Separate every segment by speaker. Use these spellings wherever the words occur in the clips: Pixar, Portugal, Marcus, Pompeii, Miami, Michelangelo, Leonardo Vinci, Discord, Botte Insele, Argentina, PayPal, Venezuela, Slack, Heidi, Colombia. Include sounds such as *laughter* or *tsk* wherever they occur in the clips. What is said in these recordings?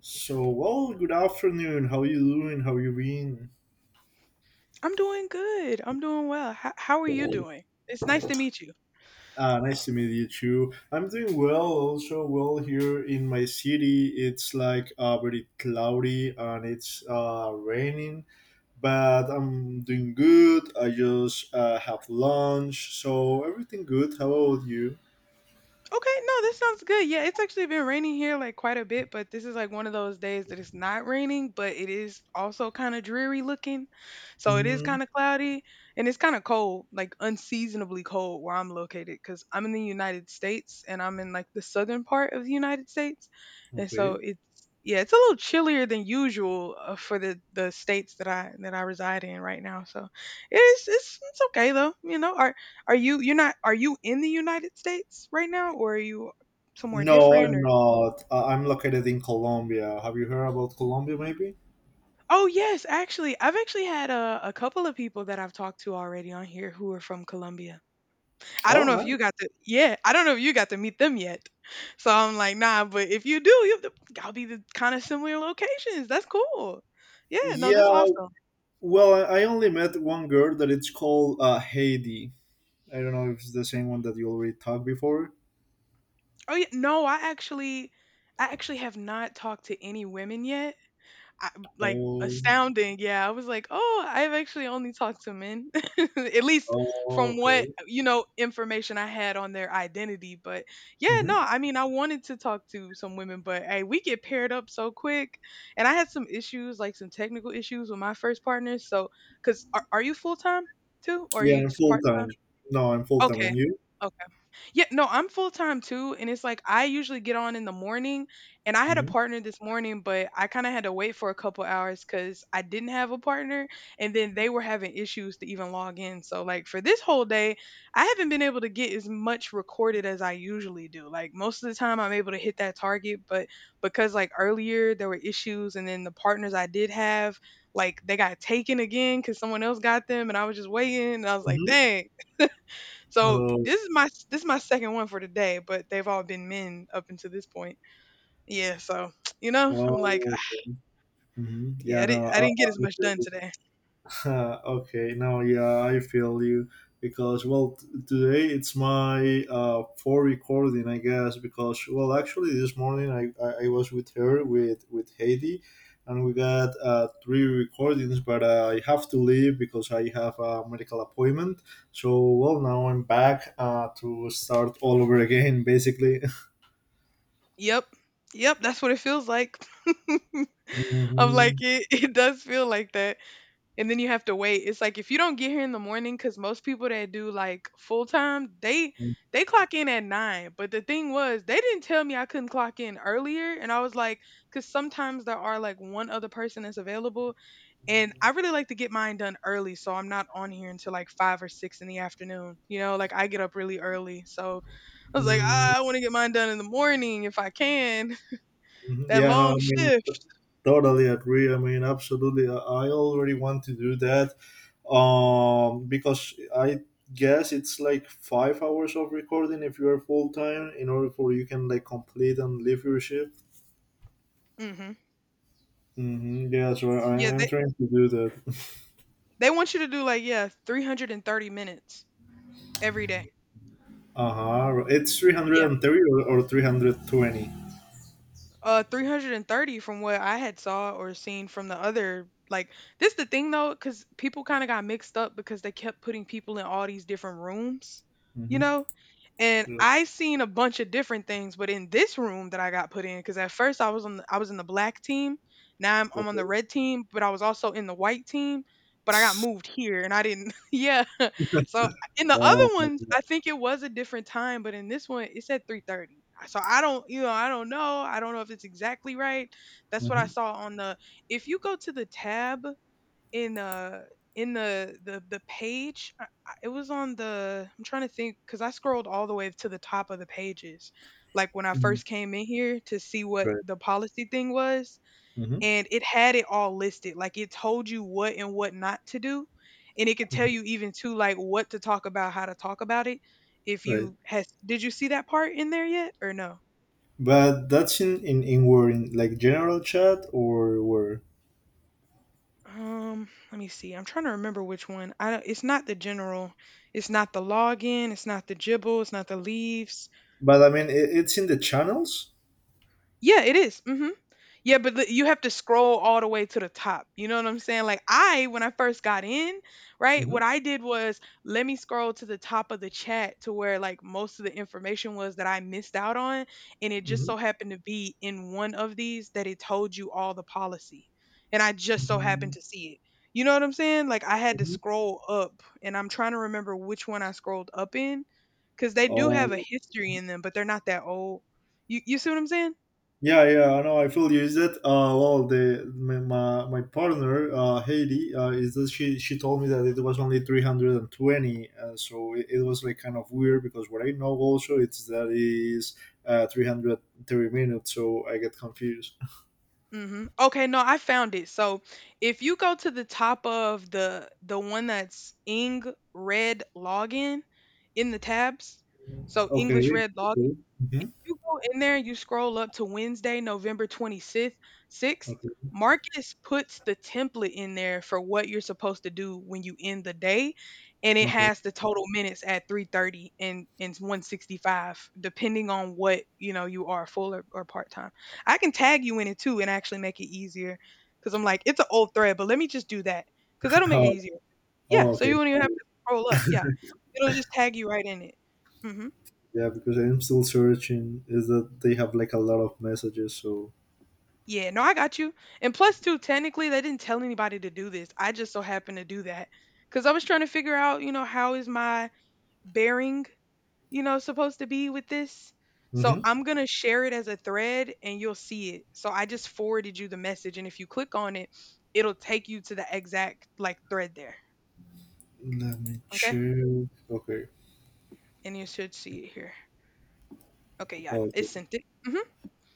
Speaker 1: So, well, good afternoon. How you doing? How you been?
Speaker 2: I'm doing good. I'm doing well. How are you doing? It's nice to meet you.
Speaker 1: Ah, nice to meet you too. I'm doing well. Also, well here in my city, it's like very cloudy and it's raining. But I'm doing good. I just have lunch, so everything good. How about you?
Speaker 2: Okay, no, this sounds good. Yeah, it's actually been raining here like quite a bit, but this is like one of those days that it's not raining, but it is also kind of dreary looking. So it is
Speaker 1: Mm,
Speaker 2: kind of cloudy and it's kind of cold, like unseasonably cold where I'm located because I'm in the United States and I'm in like the southern part of the United States. And so
Speaker 1: okay.
Speaker 2: it's a little chillier than usual for the states that I reside in right now. So it's okay though. You know, are you you're not are you in the United States right now, or are you somewhere
Speaker 1: No,
Speaker 2: different
Speaker 1: I'm
Speaker 2: or?
Speaker 1: not. I'm located in Colombia. Have you heard about Colombia, maybe?
Speaker 2: Oh yes, actually, I've actually had a couple of people that I've talked to already on here who are from Colombia. I don't
Speaker 1: Oh,
Speaker 2: know if you
Speaker 1: nice.
Speaker 2: got to, yeah, I don't know if you got to meet them yet. So I'm like, nah, but if you do, you have to, gotta be the kind of similar locations. That's cool. Yeah, no, that's
Speaker 1: Yeah,
Speaker 2: awesome.
Speaker 1: well, I only met one girl that it's called Heidi. I don't know if it's the same one that you already talked before.
Speaker 2: Oh yeah, no, I actually have not talked to any women yet. I, like,
Speaker 1: Oh,
Speaker 2: astounding. Yeah, I was like, oh, I've actually only talked to men, *laughs* at least
Speaker 1: oh,
Speaker 2: from what
Speaker 1: okay.
Speaker 2: you know information I had on their identity. But yeah, no,
Speaker 1: hmm
Speaker 2: I mean, I wanted to talk to some women, but hey, we get paired up so quick, and I had some issues, like some technical issues with my first partner. So, cause are you full time too, or are
Speaker 1: Yeah,
Speaker 2: you
Speaker 1: I'm
Speaker 2: just
Speaker 1: full
Speaker 2: part
Speaker 1: time.
Speaker 2: time?
Speaker 1: No, I'm full time.
Speaker 2: Okay,
Speaker 1: And you?
Speaker 2: okay. Yeah, no, I'm full time too. And it's like I usually get on in the morning. And I had a
Speaker 1: Mm-hmm.
Speaker 2: partner this morning, but I kind of had to wait for a couple hours because I didn't have a partner. And then they were having issues to even log in. So, like, for this whole day, I haven't been able to get as much recorded as I usually do. Like, most of the time, I'm able to hit that target. But because, like, earlier there were issues, and then the partners I did have, like, they got taken again because someone else got them. And I was just waiting. And I was like,
Speaker 1: Mm-hmm.
Speaker 2: dang. So
Speaker 1: Oh,
Speaker 2: this is my second one for today, but they've all been men up until this point. Yeah, so *tsk* you know, I'm
Speaker 1: oh,
Speaker 2: like,
Speaker 1: okay.
Speaker 2: yeah,
Speaker 1: Yeah, no,
Speaker 2: I didn't get as
Speaker 1: I
Speaker 2: much done today.
Speaker 1: *laughs* Okay, now yeah, I feel you because well, today it's my for recording, I guess. Because well, actually, this morning I was with her with Heidi, and we got three recordings, but I have to leave because I have a medical appointment. So well, now I'm back to start all over again, basically.
Speaker 2: Yep, yep, that's what it feels like. *laughs* I'm like,
Speaker 1: *laughs*
Speaker 2: it, *laughs* it does feel like that, and then you have to wait. It's like if you don't get here in the morning, because most people that do like full time, they clock in at nine. But the thing was, they didn't tell me I couldn't clock in earlier, and I was like, because sometimes there are like one other person that's available. And I really like to get mine done early, so I'm not on here until like five or six in the afternoon. You know, like I get up really early. So I was like,
Speaker 1: hmm
Speaker 2: ah, I want to get mine done in the morning if I can. *laughs*
Speaker 1: Mhm.
Speaker 2: That
Speaker 1: Yeah, no,
Speaker 2: long
Speaker 1: I mean,
Speaker 2: shift.
Speaker 1: totally agree. I mean, absolutely. I already want to do that because I guess it's like 5 hours of recording if you're full time in order for you can like complete and leave your shift.
Speaker 2: Hmm
Speaker 1: Mm-hmm. Yeah, so
Speaker 2: Yeah,
Speaker 1: I'm trying to do that. *laughs*
Speaker 2: they want you to do like, yeah, 330 minutes every day.
Speaker 1: Uh huh. It's
Speaker 2: Yeah.
Speaker 1: 330 or 320.
Speaker 2: 330 from what I had saw or seen from the other. Like, this the thing though, because people kind of got mixed up because they kept putting people in all these different rooms, you
Speaker 1: Mm-hmm.
Speaker 2: know? And
Speaker 1: Yeah,
Speaker 2: I seen a bunch of different things, but in this room that I got put in, because at first I was in the black team. Now I'm on the
Speaker 1: okay.
Speaker 2: red team, but I was also in the white team. But I got moved here, and I didn't. *laughs* Yeah, so in the
Speaker 1: Oh,
Speaker 2: other
Speaker 1: my
Speaker 2: ones,
Speaker 1: God.
Speaker 2: I think it was a different time, but in this one, it said 3:30, so I don't, you know, I don't know. I don't know if it's exactly right. That's what I
Speaker 1: Mm-hmm.
Speaker 2: saw on the. If you go to the tab in uh in the page, it was on the. I'm trying to think because I scrolled all the way to the top of the pages, like when I
Speaker 1: Mm-hmm.
Speaker 2: first came in here to see what
Speaker 1: Right.
Speaker 2: the policy thing was,
Speaker 1: Mm-hmm.
Speaker 2: and it had it all listed. Like it told you what and what not to do, and it could tell
Speaker 1: Mm-hmm.
Speaker 2: you even too like what to talk about, how to talk about it. If
Speaker 1: Right.
Speaker 2: you has did you see that part in there yet or no?
Speaker 1: But that's in where in like general chat or where?
Speaker 2: Let me see. I'm trying to remember which one. I don't, it's not the general. It's not the login. It's not the gibble. It's not the leaves.
Speaker 1: But I mean, it's in the channels.
Speaker 2: Yeah, it is. Mhm. Yeah, but the- you have to scroll all the way to the top. You know what I'm saying? Like I, when I first got in, right,
Speaker 1: hmm
Speaker 2: what I did was let me scroll to the top of the chat to where like most of the information was that I missed out on, and it just
Speaker 1: hmm
Speaker 2: so happened to be in one of these that it told you all the policy, and I just so happened
Speaker 1: hmm
Speaker 2: to see it. You know what I'm saying? Like I had to scroll up, and I'm trying to remember which one I scrolled up in, because they do have a
Speaker 1: Oh
Speaker 2: history in them, but they're not that old. You see what I'm saying?
Speaker 1: yeah, yeah. I know. I feel you. Is that uh? Well, the my partner Haiti is that she told me that it was only 320. So it was like kind of weird because what I know also it's that is 330 minutes. So I get confused.
Speaker 2: Mhm. Okay, no, I found it. So if you go to the top of the one that's Ing Red Login in the tabs, so
Speaker 1: Okay.
Speaker 2: English Red Login.
Speaker 1: Okay. hmm
Speaker 2: You go in there, you scroll up to Wednesday, November 26th, 6th.
Speaker 1: Okay.
Speaker 2: Marcus puts the template in there for what you're supposed to do when you end the day, and it
Speaker 1: Okay.
Speaker 2: has the total minutes at 3:30 and 165 depending on what, you know, you are full or part-time. I can tag you in it too and actually make it easier cuz I'm like it's an old thread, but let me just do that cuz that'll
Speaker 1: *laughs*
Speaker 2: make it
Speaker 1: Oh,
Speaker 2: easier.
Speaker 1: oh,
Speaker 2: Yeah, so
Speaker 1: okay.
Speaker 2: you won't even have to scroll up. Yeah. It'll just tag you right in it. Mhm.
Speaker 1: Yeah, because I'm still searching. Is that they have like a lot of messages? So
Speaker 2: Yeah, no, I got you. And plus, too, technically, they didn't tell anybody to do this. I just so happened to do that because I was trying to figure out, you know, how is my bearing, you know, supposed to be with this. So
Speaker 1: Mhm.
Speaker 2: I'm going to share it as a thread and you'll see it. So I just forwarded you the message. And if you click on it, it'll take you to the exact like thread there.
Speaker 1: Let me
Speaker 2: Okay.
Speaker 1: check. Okay.
Speaker 2: And you should see it here. Okay. Yeah.
Speaker 1: Oh,
Speaker 2: It
Speaker 1: okay.
Speaker 2: sent it. Hmm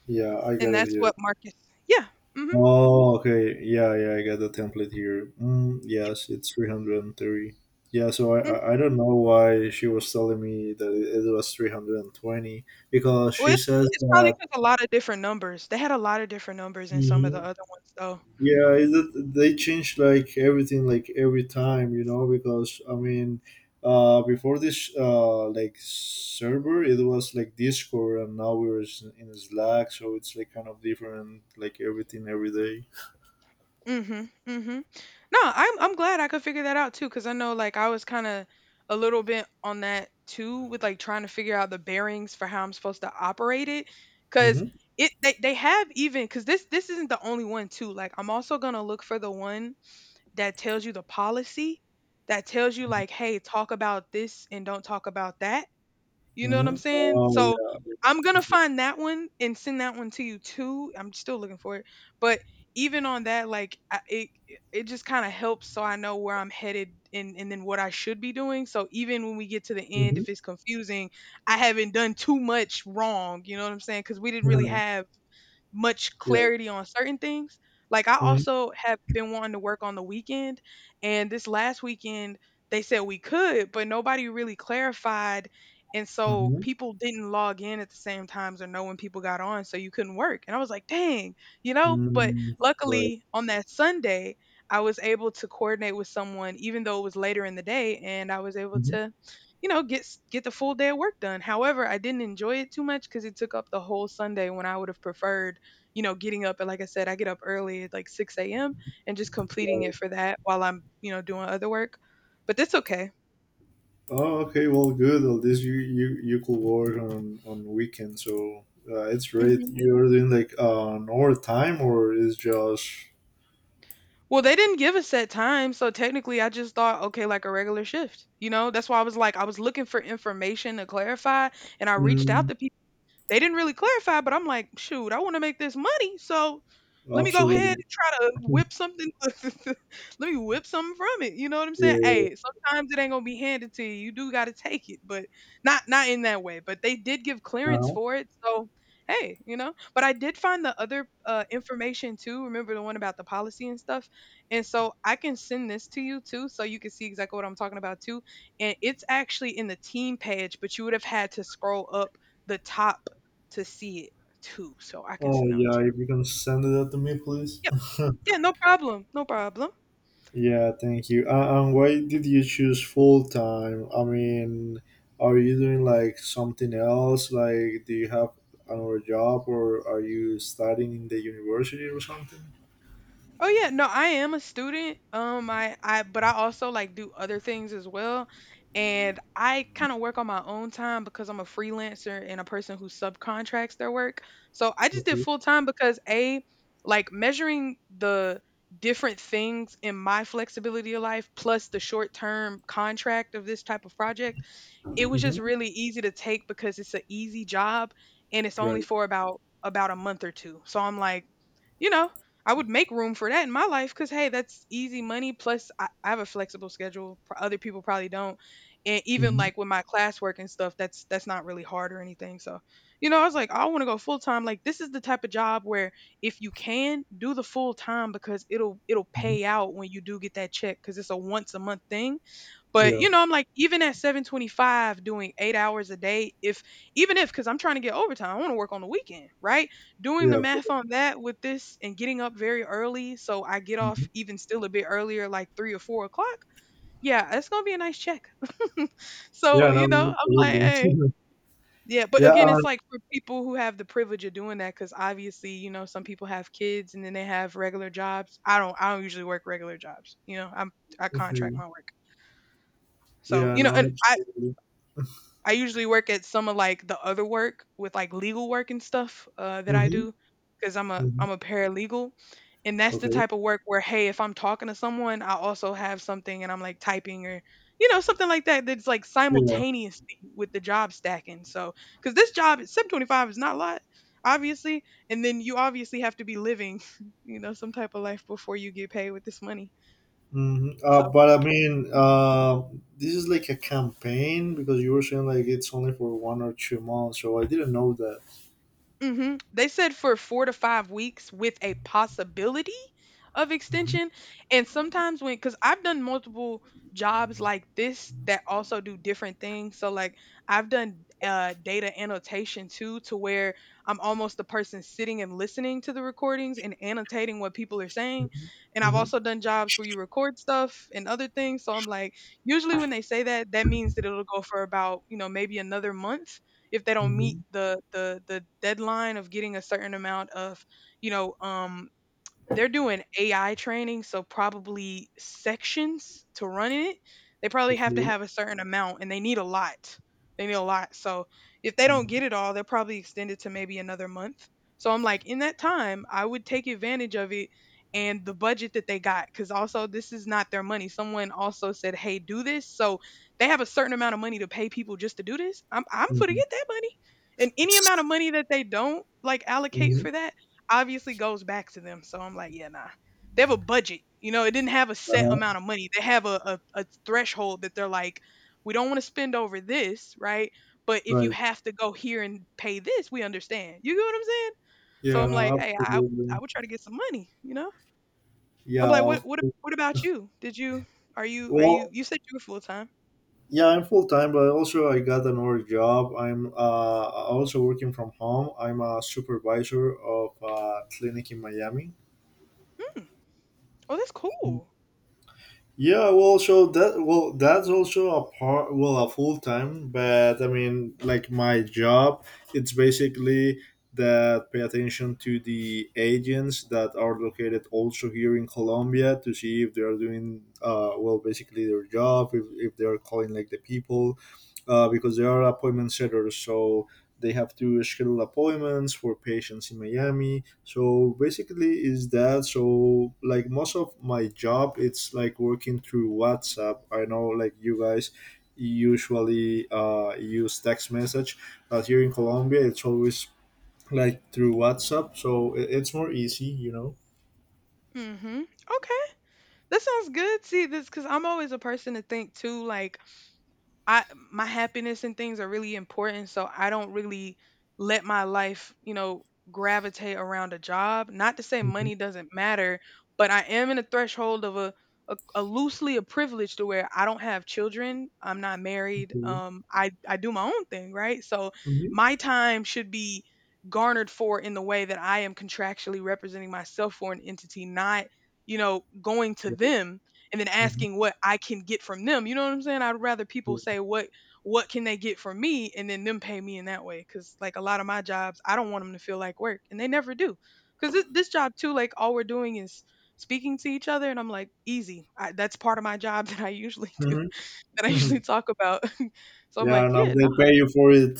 Speaker 1: Yeah, I
Speaker 2: And
Speaker 1: got it
Speaker 2: that's
Speaker 1: here.
Speaker 2: what Marcus. Yeah. hmm
Speaker 1: Oh, okay. Yeah, yeah, I got the template here. Mm, yes, it's 330. Yeah, so I don't know why she was telling me that it was 320 because
Speaker 2: Well,
Speaker 1: she says
Speaker 2: it's probably
Speaker 1: that.
Speaker 2: because a lot of different numbers. They had a lot of different numbers in some of the other ones, though.
Speaker 1: Yeah, is it, they change like everything, like every time, you know, because I mean, before this, like server, it was like Discord, and now we're in Slack, so it's like kind of different, like everything every day.
Speaker 2: Mhm, mhm. No, I'm glad I could figure that out too, because I know, like, I was kinda a little bit on that too with, like, trying to figure out the bearings for how I'm supposed to operate it. Because
Speaker 1: Mm-hmm.
Speaker 2: it they have even because this isn't the only one too, like, I'm also gonna look for the one that tells you the policy, that tells you, like, "Hey, talk about this and don't talk about that." You know what I'm
Speaker 1: Mm-hmm.
Speaker 2: saying?
Speaker 1: Oh
Speaker 2: So
Speaker 1: yeah.
Speaker 2: I'm gonna find that one and send that one to you too. I'm still looking for it, but even on that, it just kind of helps so I know where I'm headed and then what I should be doing. So even when we get to the end,
Speaker 1: Mm-hmm.
Speaker 2: if it's confusing, I haven't done too much wrong. You know what I'm saying? Because we didn't really
Speaker 1: Mm-hmm.
Speaker 2: have much
Speaker 1: Yeah.
Speaker 2: clarity on certain things. Like I
Speaker 1: Mm-hmm.
Speaker 2: also have been wanting to work on the weekend and this last weekend they said we could, but nobody really clarified and so
Speaker 1: Mm-hmm.
Speaker 2: people didn't log in at the same times or know when people got on so you couldn't work. And I was like, "Dang." You know, but
Speaker 1: Mm-hmm. Right.
Speaker 2: luckily on that Sunday I was able to coordinate with someone even though it was later in the day and I was able
Speaker 1: Mm-hmm.
Speaker 2: to you know get the full day of work done. However, I didn't enjoy it too much cuz it took up the whole Sunday when I would have preferred you know, getting up and like I said, I get up early at like 6 a.m. and just completing
Speaker 1: Right.
Speaker 2: it for that while I'm, you know, doing other work. But that's okay.
Speaker 1: Oh, okay. Well, good. Well, this you could work on weekend, so it's great.
Speaker 2: hmm
Speaker 1: You're doing like an overtime, or is just
Speaker 2: Well, they didn't give a set time, so technically I just thought, okay, like a regular shift. You know, that's why I was like, I was looking for information to clarify, and I reached out
Speaker 1: mm,
Speaker 2: to. They didn't really clarify, but I'm like, shoot, I want to make this money, so let me go ahead
Speaker 1: absolutely.
Speaker 2: and try to
Speaker 1: Yeah,
Speaker 2: whip something. *laughs* Let me whip something from it. You know what I'm saying?
Speaker 1: uh,
Speaker 2: Hey, sometimes it ain't gonna be handed to you. You do got to take it, but not in that way. But they did give clearance for it, so hey, you know. But I did find the other information too. Remember the one about the policy and stuff. And so I can send this to you too, so you can see exactly what I'm talking about too. And it's actually in the team page, but you would have had to scroll up the top to see it too, so I can
Speaker 1: oh
Speaker 2: send that one
Speaker 1: yeah,
Speaker 2: to you.
Speaker 1: if you can send that to me, please.
Speaker 2: Yep.
Speaker 1: *laughs*
Speaker 2: Yeah, no problem. No problem.
Speaker 1: Yeah, thank you. And why did you choose full time? I mean, are you doing like something else? Like, do you have another job, or are you studying in the university or something?
Speaker 2: Oh yeah, no, I am a student. I but I also like do other things as well, and I kind of work on my own time because I'm a freelancer and a person who subcontracts their work. So I just did full time because a like measuring the different things in my flexibility of life plus the short term contract of this type of project. It was just
Speaker 1: Mm-hmm.
Speaker 2: really easy to take because it's an easy job, and it's only for about a month or 2. So I'm like, you know, I would make room for that in my life cuz hey, that's easy money plus I have a flexible schedule. Other people probably don't. And even
Speaker 1: Mhm,
Speaker 2: like with my classwork and stuff, that's not really hard or anything. So, you know, I was like, I want to go full time. Like this is the type of job where if you can do the full time because it'll
Speaker 1: mhm.
Speaker 2: pay out when you do get that check cuz it's a once a month thing, but,
Speaker 1: Yeah,
Speaker 2: you know, I'm like, even at 725 doing 8 hours a day, if even if because I'm trying to get overtime, I want to work on the weekend, right? Doing the
Speaker 1: yeah,
Speaker 2: math on that with this and getting up very early, so I get off
Speaker 1: mhm.
Speaker 2: even still a bit earlier, like 3 or 4 o'clock. Yeah, it's gonna be a nice check. So,
Speaker 1: Yeah,
Speaker 2: you know,
Speaker 1: no,
Speaker 2: I'm like, hey.
Speaker 1: absolutely. *laughs*
Speaker 2: Yeah, but
Speaker 1: Yeah,
Speaker 2: again, it's like for people who have the privilege of doing that, because obviously, you know, some people have kids and then they have regular jobs. I don't usually work regular jobs. I contract
Speaker 1: absolutely.
Speaker 2: my work. So,
Speaker 1: Yeah,
Speaker 2: you know,
Speaker 1: no,
Speaker 2: and I,
Speaker 1: absolutely.
Speaker 2: I usually work at some of like the other work with like legal work and stuff that I
Speaker 1: Mm-hmm.
Speaker 2: do because I'm a
Speaker 1: Mm-hmm.
Speaker 2: I'm a paralegal, and that's the
Speaker 1: Okay.
Speaker 2: type of work where hey, if I'm talking to someone, I also have something and I'm like typing or you know something like that that's like
Speaker 1: Yeah.
Speaker 2: simultaneously with the job stacking. So because this job at Sub 25 is not a lot, obviously, and then you obviously have to be living, *laughs* you know, some type of life before you get paid with this money.
Speaker 1: Mm-hmm.
Speaker 2: So,
Speaker 1: But I mean, this is like a campaign because you were saying like it's only for 1 or 2 months, so I didn't know that.
Speaker 2: they said for 4 to 5 weeks with a possibility of
Speaker 1: Mm-hmm.
Speaker 2: extension. And sometimes when, because I've done multiple jobs like this that also do different things. So, like, I've done data annotation too, to where I'm almost the person sitting and listening to the recordings and annotating what people are saying. And I've
Speaker 1: Mm-hmm.
Speaker 2: also done jobs where you record stuff and other things. So, I'm like, usually when they say that, that means that it'll go for about, you know, maybe another month if they don't meet
Speaker 1: Mm-hmm.
Speaker 2: the deadline of getting a certain amount of, you know um they're doing AI training, so probably sections to run in it. They probably have to
Speaker 1: Okay.
Speaker 2: have a certain amount and they need a lot. They need a lot. So if they don't
Speaker 1: Mm-hmm.
Speaker 2: get it all, they'll probably extend it to maybe another month. So I'm like, in that time, I would take advantage of it and the budget that they got because also this is not their money. Someone also said, hey, do this. So they have a certain amount of money to pay people just to do this. I'm for to
Speaker 1: Mm-hmm.
Speaker 2: get that money. And any amount of money that they don't like allocate
Speaker 1: Mm-hmm.
Speaker 2: for that obviously goes back to them. So I'm like, yeah, nah. They have a budget. You know, it didn't have a set
Speaker 1: Uh-huh.
Speaker 2: amount of money. They have a threshold that they're like, we don't want to spend over this, right? But if you
Speaker 1: Right.
Speaker 2: have to go here and pay this, we understand. You get what I'm saying? So
Speaker 1: Yeah.
Speaker 2: I'm like,
Speaker 1: No,
Speaker 2: hey, I
Speaker 1: absolutely.
Speaker 2: would try to get some money, you know? I'm
Speaker 1: Yeah,
Speaker 2: like, what
Speaker 1: of
Speaker 2: what
Speaker 1: course.
Speaker 2: what about you? Did you are you are you
Speaker 1: Well,
Speaker 2: you said you were full time?
Speaker 1: yeah, I'm full time, but also I got another job. I'm also working from home. I'm a supervisor of a clinic in Miami.
Speaker 2: Hmm. Oh, that's cool.
Speaker 1: Yeah, well, so that well, that's also a part, well, a full time. But I mean, like my job, it's basically that pay attention to the agents that are located also here in Colombia to see if they are doing well, basically their job, if they are calling like the people, because they are appointment setters, so they have to schedule appointments for patients in Miami so basically is that so like most of my job it's like working through whatsapp I know like you guys usually use text message but here in colombia it's always like through whatsapp so it's more easy you know.
Speaker 2: Mm-hmm. Okay. That sounds good. See this because I'm always a person to think too, like I my happiness and things are really important, so I don't really let my life, you know, gravitate around a job. Not to say
Speaker 1: Mhm,
Speaker 2: money doesn't matter, but I am in a threshold of a loosely a privilege to where I don't have children, I'm not married,
Speaker 1: mhm,
Speaker 2: I do my own thing, right? So
Speaker 1: mhm.
Speaker 2: my time should be garnered for in the way that I am contractually representing myself for an entity, not you know, going to them and then
Speaker 1: Mhm,
Speaker 2: asking what I can get from them. You know what I'm saying? I'd rather people say what can they get from me and then them pay me in that way cuz like a lot of my jobs, I don't want them to feel like work and they never do. Cuz this job too like all we're doing is speaking to each other and I'm like easy. That's part of my job *laughs* that I usually do
Speaker 1: mhm,
Speaker 2: that I usually
Speaker 1: mhm.
Speaker 2: talk about. *laughs* So I'm
Speaker 1: Yeah
Speaker 2: like,
Speaker 1: now
Speaker 2: yeah, no.
Speaker 1: they pay you for it.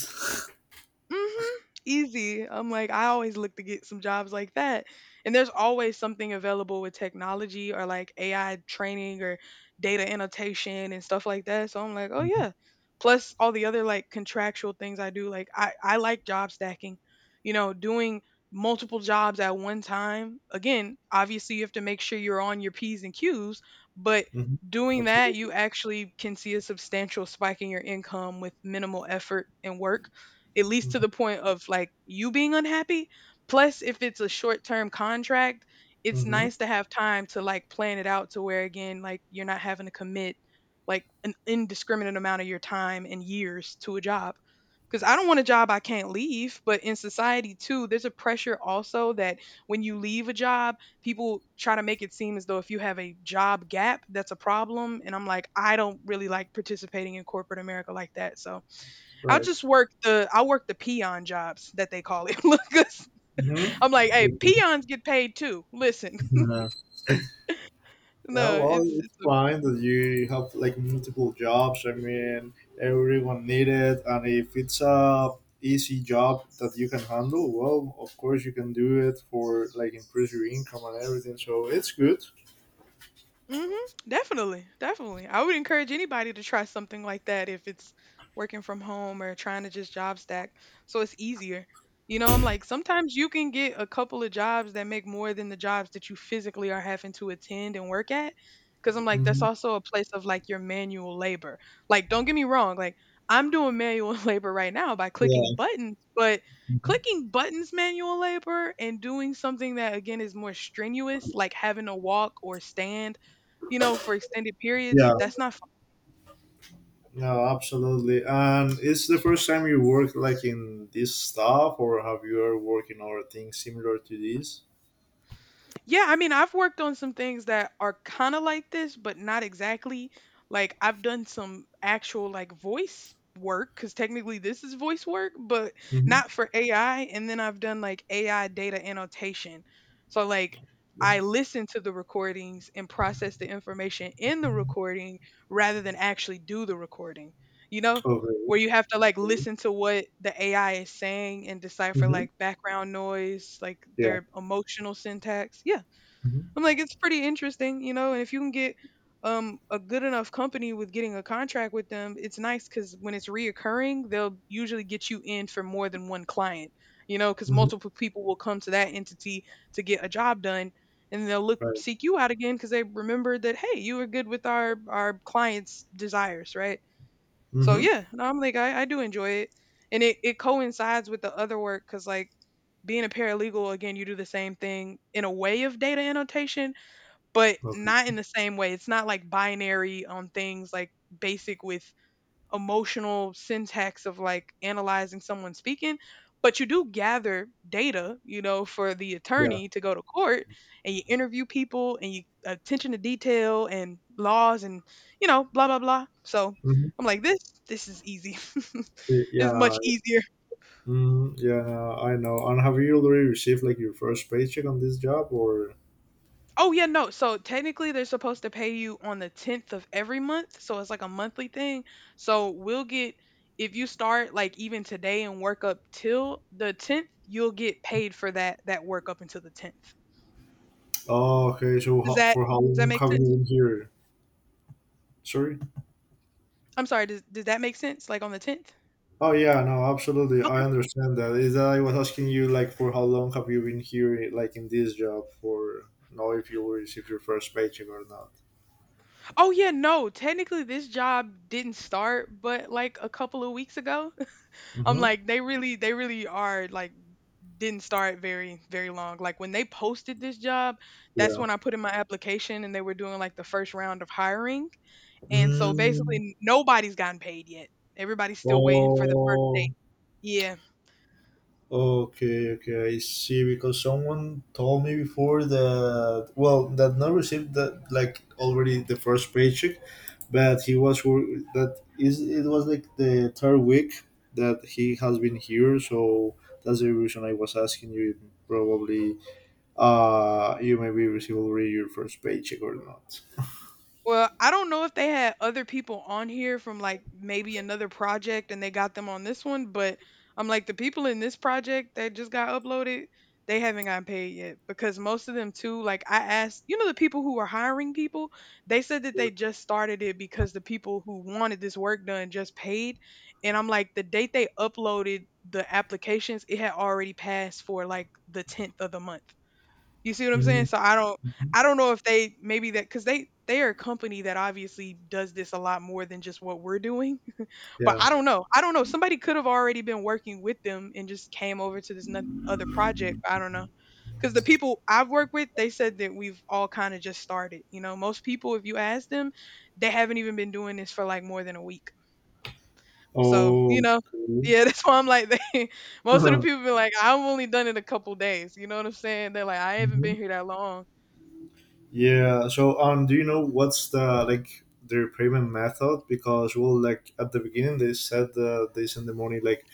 Speaker 1: *laughs*
Speaker 2: Mhm. Easy. I'm like, I always look to get some jobs like that. And there's always something available with technology or like AI training or data annotation and stuff like that. So I'm like, oh
Speaker 1: Mhm,
Speaker 2: yeah. Plus all the other like contractual things I do. Like I like job stacking, you know, doing multiple jobs at one time. Again, obviously you have to make sure you're on your P's and Q's, but
Speaker 1: mhm.
Speaker 2: doing that,
Speaker 1: Absolutely.
Speaker 2: you actually can see a substantial spike in your income with minimal effort and work at least to the point of like you being unhappy. Plus, if it's a short term contract, it's
Speaker 1: Mhm.
Speaker 2: nice to have time to like plan it out to where again, like you're not having to commit like an indiscriminate amount of your time and years to a job. Because I don't want a job I can't leave, but in society too, there's a pressure also that when you leave a job, people try to make it seem as though if you have a job gap, that's a problem. And I'm like, I don't really like participating in corporate America like that. So I'll just
Speaker 1: Right.
Speaker 2: work the peon jobs that they call it. *laughs* Look, 'cause
Speaker 1: hmm
Speaker 2: I'm like, hey, peons get paid too. Listen,
Speaker 1: *laughs*
Speaker 2: *laughs*
Speaker 1: Yeah,
Speaker 2: no,
Speaker 1: well,
Speaker 2: it's
Speaker 1: it's
Speaker 2: it's
Speaker 1: fine that you have like multiple jobs. I mean, everyone need it, and if it's a easy job that you can handle, well, of course you can do it for like increase your income and everything. So it's good.
Speaker 2: Mm-hmm. Definitely. Definitely. I would encourage anybody to try something like that if it's working from home or trying to just job stack so it's easier. You know, I'm like, sometimes you can get a couple of jobs that make more than the jobs that you physically are having to attend and work at. Cause I'm like, that's
Speaker 1: Mhm.
Speaker 2: also a place of like your manual labor. Like, don't get me wrong, like, I'm doing manual *laughs* labor right now by clicking
Speaker 1: Yeah,
Speaker 2: buttons, but clicking buttons manual labor and doing something that again is more strenuous, like having to walk or stand, you know, for extended periods,
Speaker 1: yeah,
Speaker 2: that's not fun.
Speaker 1: no, absolutely. And it's the first time you work like in this stuff, or have you ever worked in other things similar to this?
Speaker 2: Yeah, I mean, I've worked on some things that are kind of like this, but not exactly. Like I've done some actual like voice work cuz technically this is voice work, but
Speaker 1: Mm-hmm.
Speaker 2: not for AI and then I've done like AI data annotation. So like I listen to the recordings and process the information in the recording rather than actually do the recording. You know,
Speaker 1: Okay.
Speaker 2: where you have to like
Speaker 1: Okay.
Speaker 2: listen to what the AI is saying and decipher
Speaker 1: Mm-hmm.
Speaker 2: like background noise, like
Speaker 1: Yeah.
Speaker 2: their emotional syntax. Yeah.
Speaker 1: Mm-hmm.
Speaker 2: I'm like it's pretty interesting, you know, and if you can get a good enough company with getting a contract with them, it's nice cuz when it's reoccurring, they'll usually get you in for more than one client, you know, cuz
Speaker 1: Mm-hmm.
Speaker 2: multiple people will come to that entity to get a job done, and they'll look
Speaker 1: Right.
Speaker 2: seek you out again cuz they remember that, hey, you were good with our clients' desires, right? So
Speaker 1: Mm-hmm.
Speaker 2: yeah, no, I'm like I do enjoy it, and it coincides with the other work because, like, being a paralegal, again, you do the same thing in a way of data annotation, but
Speaker 1: Okay.
Speaker 2: not in the same way. It's not like binary on things like basic with emotional syntax of like analyzing someone speaking, but you do gather data, you know, for the
Speaker 1: Yeah.
Speaker 2: attorney to go to court, and you interview people and you attention to detail and laws and, you know, blah blah blah. So I'm
Speaker 1: hmm
Speaker 2: like, this is easy. *laughs* It's much
Speaker 1: yeah.
Speaker 2: easier.
Speaker 1: Yeah. I know. And have you already received like your first paycheck on this job, or?
Speaker 2: Oh yeah, no. So technically they're supposed to pay you on the 10th of every month, so it's like a monthly thing. So we'll get, if you start like even today and work up till the 10th, you'll get paid for that work up until the 10th.
Speaker 1: Oh, okay. So
Speaker 2: Does
Speaker 1: how,
Speaker 2: that
Speaker 1: for how
Speaker 2: does that
Speaker 1: long
Speaker 2: make
Speaker 1: have you
Speaker 2: sense?
Speaker 1: been here? Sorry.
Speaker 2: I'm sorry, does that make sense, like on the 10th?
Speaker 1: Oh yeah. No, absolutely.
Speaker 2: Okay.
Speaker 1: I understand that. Is that I was asking you like for how long have you been here, like in this job, for know if you will receive your first paycheck or not.
Speaker 2: Oh yeah, no. Technically this job didn't start but like a couple of weeks ago. *laughs* I'm
Speaker 1: Mm-hmm.
Speaker 2: like, they really are like didn't start very very long. Like when they posted this job, that's
Speaker 1: Yeah.
Speaker 2: when I put in my application and they were doing like the first round of hiring, and so
Speaker 1: Mm.
Speaker 2: basically nobody's gotten paid yet. Everybody's still waiting for the first day,
Speaker 1: Oh.
Speaker 2: yeah.
Speaker 1: Okay, okay, I see. Because someone told me before that well, that not received that like already the first paycheck, but he was that is it was like the third week that he has been here. So that's the reason I was asking you. Probably, you maybe receive already your first paycheck or not.
Speaker 2: Well, I don't know if they had other people on here from like maybe another project and they got them on this one, but I'm like the people in this project that just got uploaded, they haven't gotten paid yet, because most of them too, like I asked, you know, the people who were hiring people, they said that they just started it because the people who wanted this work done just paid. And I'm like the date they uploaded the applications, it had already passed for like the 10th of the month. You see what I'm saying?
Speaker 1: Mhm.
Speaker 2: So I don't, I don't know if they maybe that cuz they are a company that obviously does this a lot more than just what we're doing. *laughs* But
Speaker 1: Yeah.
Speaker 2: I don't know. I don't know. Somebody could have already been working with them and just came over to this other project. I don't know. Cuz the people I've worked with, they said that we've all kind of just started, you know. Most people if you ask them, they haven't even been doing this for like more than a week. So, you
Speaker 1: Oh.
Speaker 2: know,
Speaker 1: Okay.
Speaker 2: yeah, *laughs* that's why I'm like they, most of the people be like, I've only done it a couple days. You know what I'm saying? They're like, I haven't been here
Speaker 1: *laughs*
Speaker 2: that long.
Speaker 1: Yeah. So, do you know what's the like their payment method? Because well, like at the beginning they said they send the money like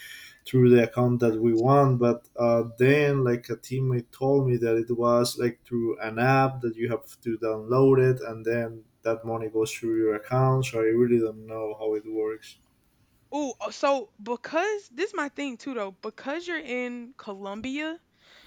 Speaker 1: through the account that we want, but then like a teammate told me that it was like through an app that you have to download it, and then that money goes through your account. So I really don't know how it works.
Speaker 2: Ooh, oh, so because this is my thing too though, because you're in Colombia,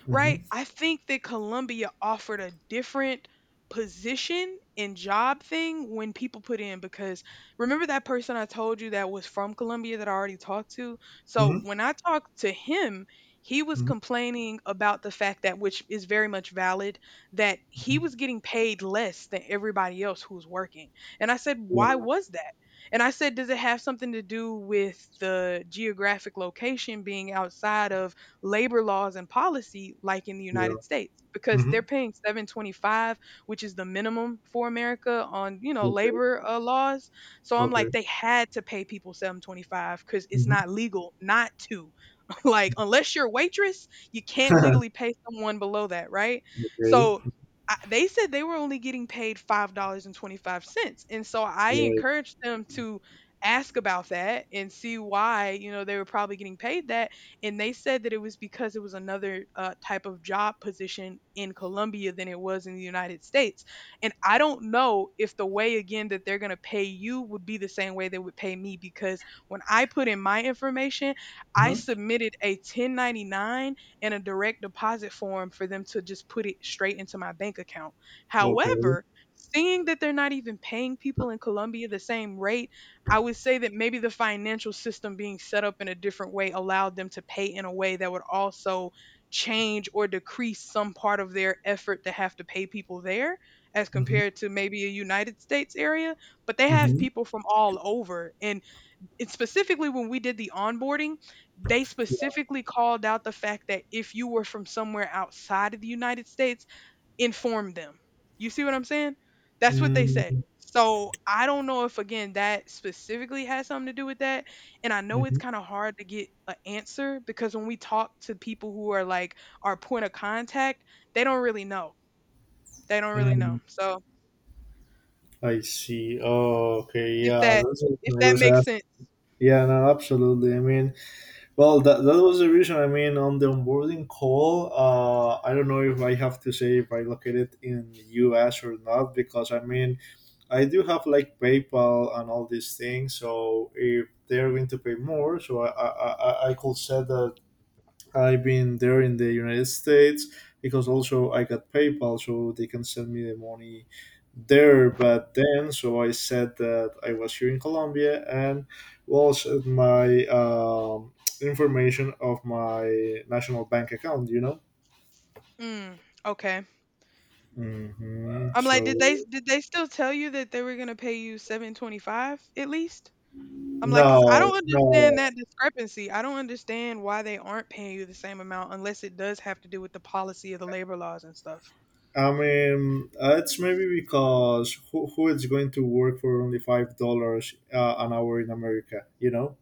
Speaker 2: right?
Speaker 1: Mm-hmm.
Speaker 2: I think that Columbia offered a different position and job thing when people put in because, remember that person I told you that was from Columbia that I already talked to? So
Speaker 1: Mm-hmm.
Speaker 2: when I talked to him, he was complaining about the fact that, which is very much valid, that he
Speaker 1: Mm-hmm.
Speaker 2: was getting paid less than everybody else who was working. And I said, why
Speaker 1: Yeah.
Speaker 2: was that? And I said, does it have something to do with the geographic location being outside of labor laws and policy like in the
Speaker 1: Yeah.
Speaker 2: United States, because
Speaker 1: Mm-hmm.
Speaker 2: they're paying 725, which is the minimum for America on, you know,
Speaker 1: Okay.
Speaker 2: labor laws. So I'm
Speaker 1: Okay.
Speaker 2: like they had to pay people 725 cuz it's
Speaker 1: Mm-hmm.
Speaker 2: not legal not to. *laughs* Like unless you're a waitress, you can't legally pay someone below that, right?
Speaker 1: Okay.
Speaker 2: So I, they said they were only getting paid $5 and 25¢, and so I
Speaker 1: Right.
Speaker 2: encouraged them to ask about that and see why, you know, they were probably getting paid that, and they said that it was because it was another type of job position in Colombia than it was in the United States. And I don't know if the way, again, that they're going to pay you would be the same way they would pay me, because when I put in my information, I
Speaker 1: Mm-hmm.
Speaker 2: submitted a 1099 and a direct deposit form for them to just put it straight into my bank account.
Speaker 1: Okay.
Speaker 2: However, seeing that they're not even paying people in Colombia the same rate, I would say that maybe the financial system being set up in a different way allowed them to pay in a way that would also change or decrease some part of their effort to have to pay people there as
Speaker 1: Mm-hmm.
Speaker 2: compared to maybe a United States area. But they have
Speaker 1: Mm-hmm.
Speaker 2: people from all over, and it's specifically when we did the onboarding, they specifically called out the fact that if you were from somewhere outside of the United States, inform them. You see what I'm saying? That's what they said.
Speaker 1: Mm.
Speaker 2: So I don't know if, again, that specifically has something to do with that. And I know it's
Speaker 1: Mhm.
Speaker 2: kind of hard to get an answer, because when we talk to people who are like our point of contact, they don't really know. They don't really
Speaker 1: Mm,
Speaker 2: know. So
Speaker 1: I see. Oh, okay.
Speaker 2: if
Speaker 1: Yeah,
Speaker 2: that,
Speaker 1: that's
Speaker 2: if
Speaker 1: what I
Speaker 2: that
Speaker 1: was
Speaker 2: makes
Speaker 1: asking.
Speaker 2: sense.
Speaker 1: Yeah, no, absolutely. I mean, well, that, that was the reason. I mean, on the onboarding call, I don't know if I have to say if I located in US or not because I mean, I do have like PayPal and all these things. So if they're going to pay more, so I could set that I've been there in the United States because also I got PayPal, so they can send me the money there. But then, so I said that I was here in Colombia and well, sent my information of my national bank account. You know.
Speaker 2: Mm, okay. I'm like,
Speaker 1: So
Speaker 2: did they still tell you that they were gonna pay you 725 at least? I'm like, because I
Speaker 1: no,
Speaker 2: don't
Speaker 1: no.
Speaker 2: understand that discrepancy. I don't understand why they aren't paying you the same amount unless it does have to do with the policy of the labor laws and stuff.
Speaker 1: I mean, it's maybe because who is going to work for only $5 an hour in America? You know.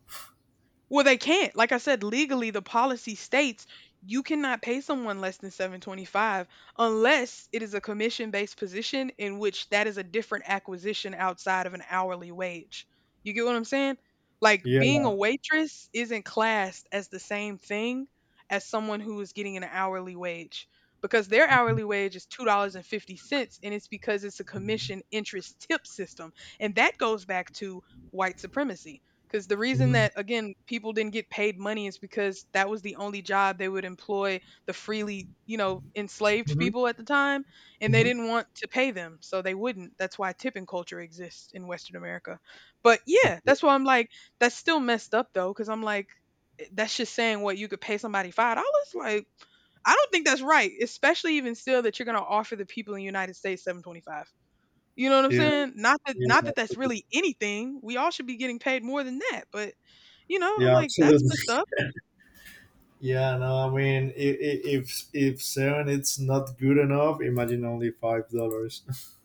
Speaker 2: Well, they can't. Like I said, legally the policy states you cannot pay someone less than 725 unless it is a commission-based position, in which that is a different acquisition outside of an hourly wage. You get what I'm saying? Like
Speaker 1: Yeah.
Speaker 2: being a waitress isn't classed as the same thing as someone who is getting an hourly wage, because their
Speaker 1: Mhm.
Speaker 2: hourly wage is $2.50 and 50¢, and it's because it's a commission interest tip system, and that goes back to white supremacy, because the reason
Speaker 1: Mhm.
Speaker 2: that, again, people didn't get paid money is because that was the only job they would employ the freely, you know, enslaved
Speaker 1: Mhm.
Speaker 2: people at the time, and they
Speaker 1: Mhm.
Speaker 2: didn't want to pay them, so they wouldn't. That's why tipping culture exists in Western America. But yeah,
Speaker 1: Okay.
Speaker 2: that's why I'm like, that's still messed up though, because I'm like, eh, that's just saying what you could pay somebody $5. Like, I don't think that's right, especially even still that you're gonna offer the people in the United States 7.25. You know what I'm
Speaker 1: Yeah.
Speaker 2: saying?
Speaker 1: Yeah.
Speaker 2: Not that that's
Speaker 1: Absolutely.
Speaker 2: really anything. We all should be getting paid more than that, but, you know, I'm
Speaker 1: Yeah.
Speaker 2: like, "That's
Speaker 1: Absolutely.
Speaker 2: messed up."
Speaker 1: *laughs* Yeah. No. I mean, if seven, it's not good enough. Imagine only $5. *laughs*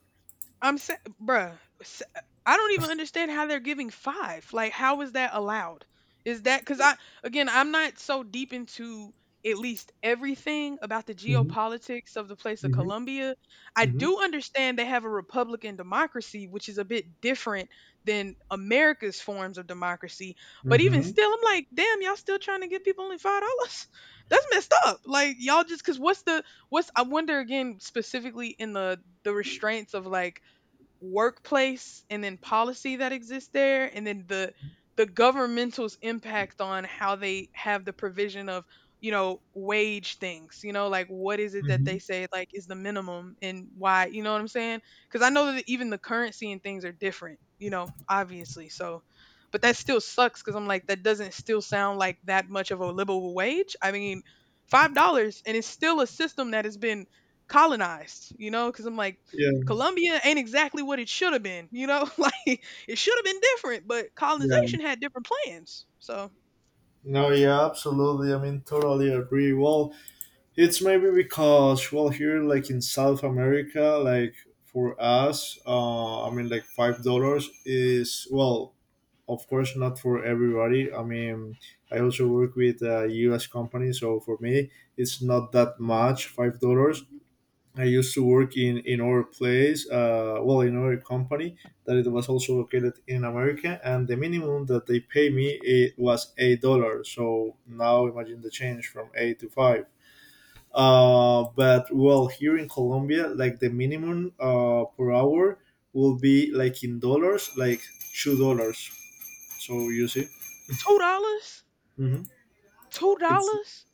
Speaker 2: I'm saying, bruh, s- I don't even understand how they're giving five. Like, how is that allowed? Is that because I, again, I'm not so deep into at least everything about the
Speaker 1: Mhm.
Speaker 2: geopolitics of the place of
Speaker 1: Mhm.
Speaker 2: Colombia. I
Speaker 1: Mhm.
Speaker 2: do understand they have a Republican democracy, which is a bit different than America's forms of democracy. But even
Speaker 1: Mhm.
Speaker 2: still, I'm like, damn, y'all still trying to give people only $5? *laughs* That's messed up. Like, y'all just because what's, I wonder, again, specifically in the, restraints of like workplace and then policy that exists there, and then the, governmental's impact on how they have the provision of, you know, wage things, you know, like what is it that they
Speaker 1: Mhm.
Speaker 2: say like is the minimum and why, you know what I'm saying, because I know that even the currency and things are different, you know, obviously. So but that still sucks because I'm like that doesn't still sound like that much of a livable wage. I mean, $5, and it's still a system that has been colonized, you know, because I'm like
Speaker 1: Yeah.
Speaker 2: Colombia ain't exactly what it should have been, you know? *laughs* Like it should have been different, but colonization
Speaker 1: Yeah.
Speaker 2: had different plans. So
Speaker 1: No. Yeah. Absolutely. I mean, totally agree. Well, it's maybe because well here like in South America like for us I mean like $5 is well of course not for everybody I mean I also work with a US company so for me it's not that much $5. I used to work in our place well in our company that it was also located in America and the minimum that they pay me it was $8 so now imagine the change from eight to five. But well, here in Colombia, like the minimum per hour will be like in dollars, like $2. So you see,
Speaker 2: $2?
Speaker 1: hmm
Speaker 2: Two
Speaker 1: it's
Speaker 2: dollars?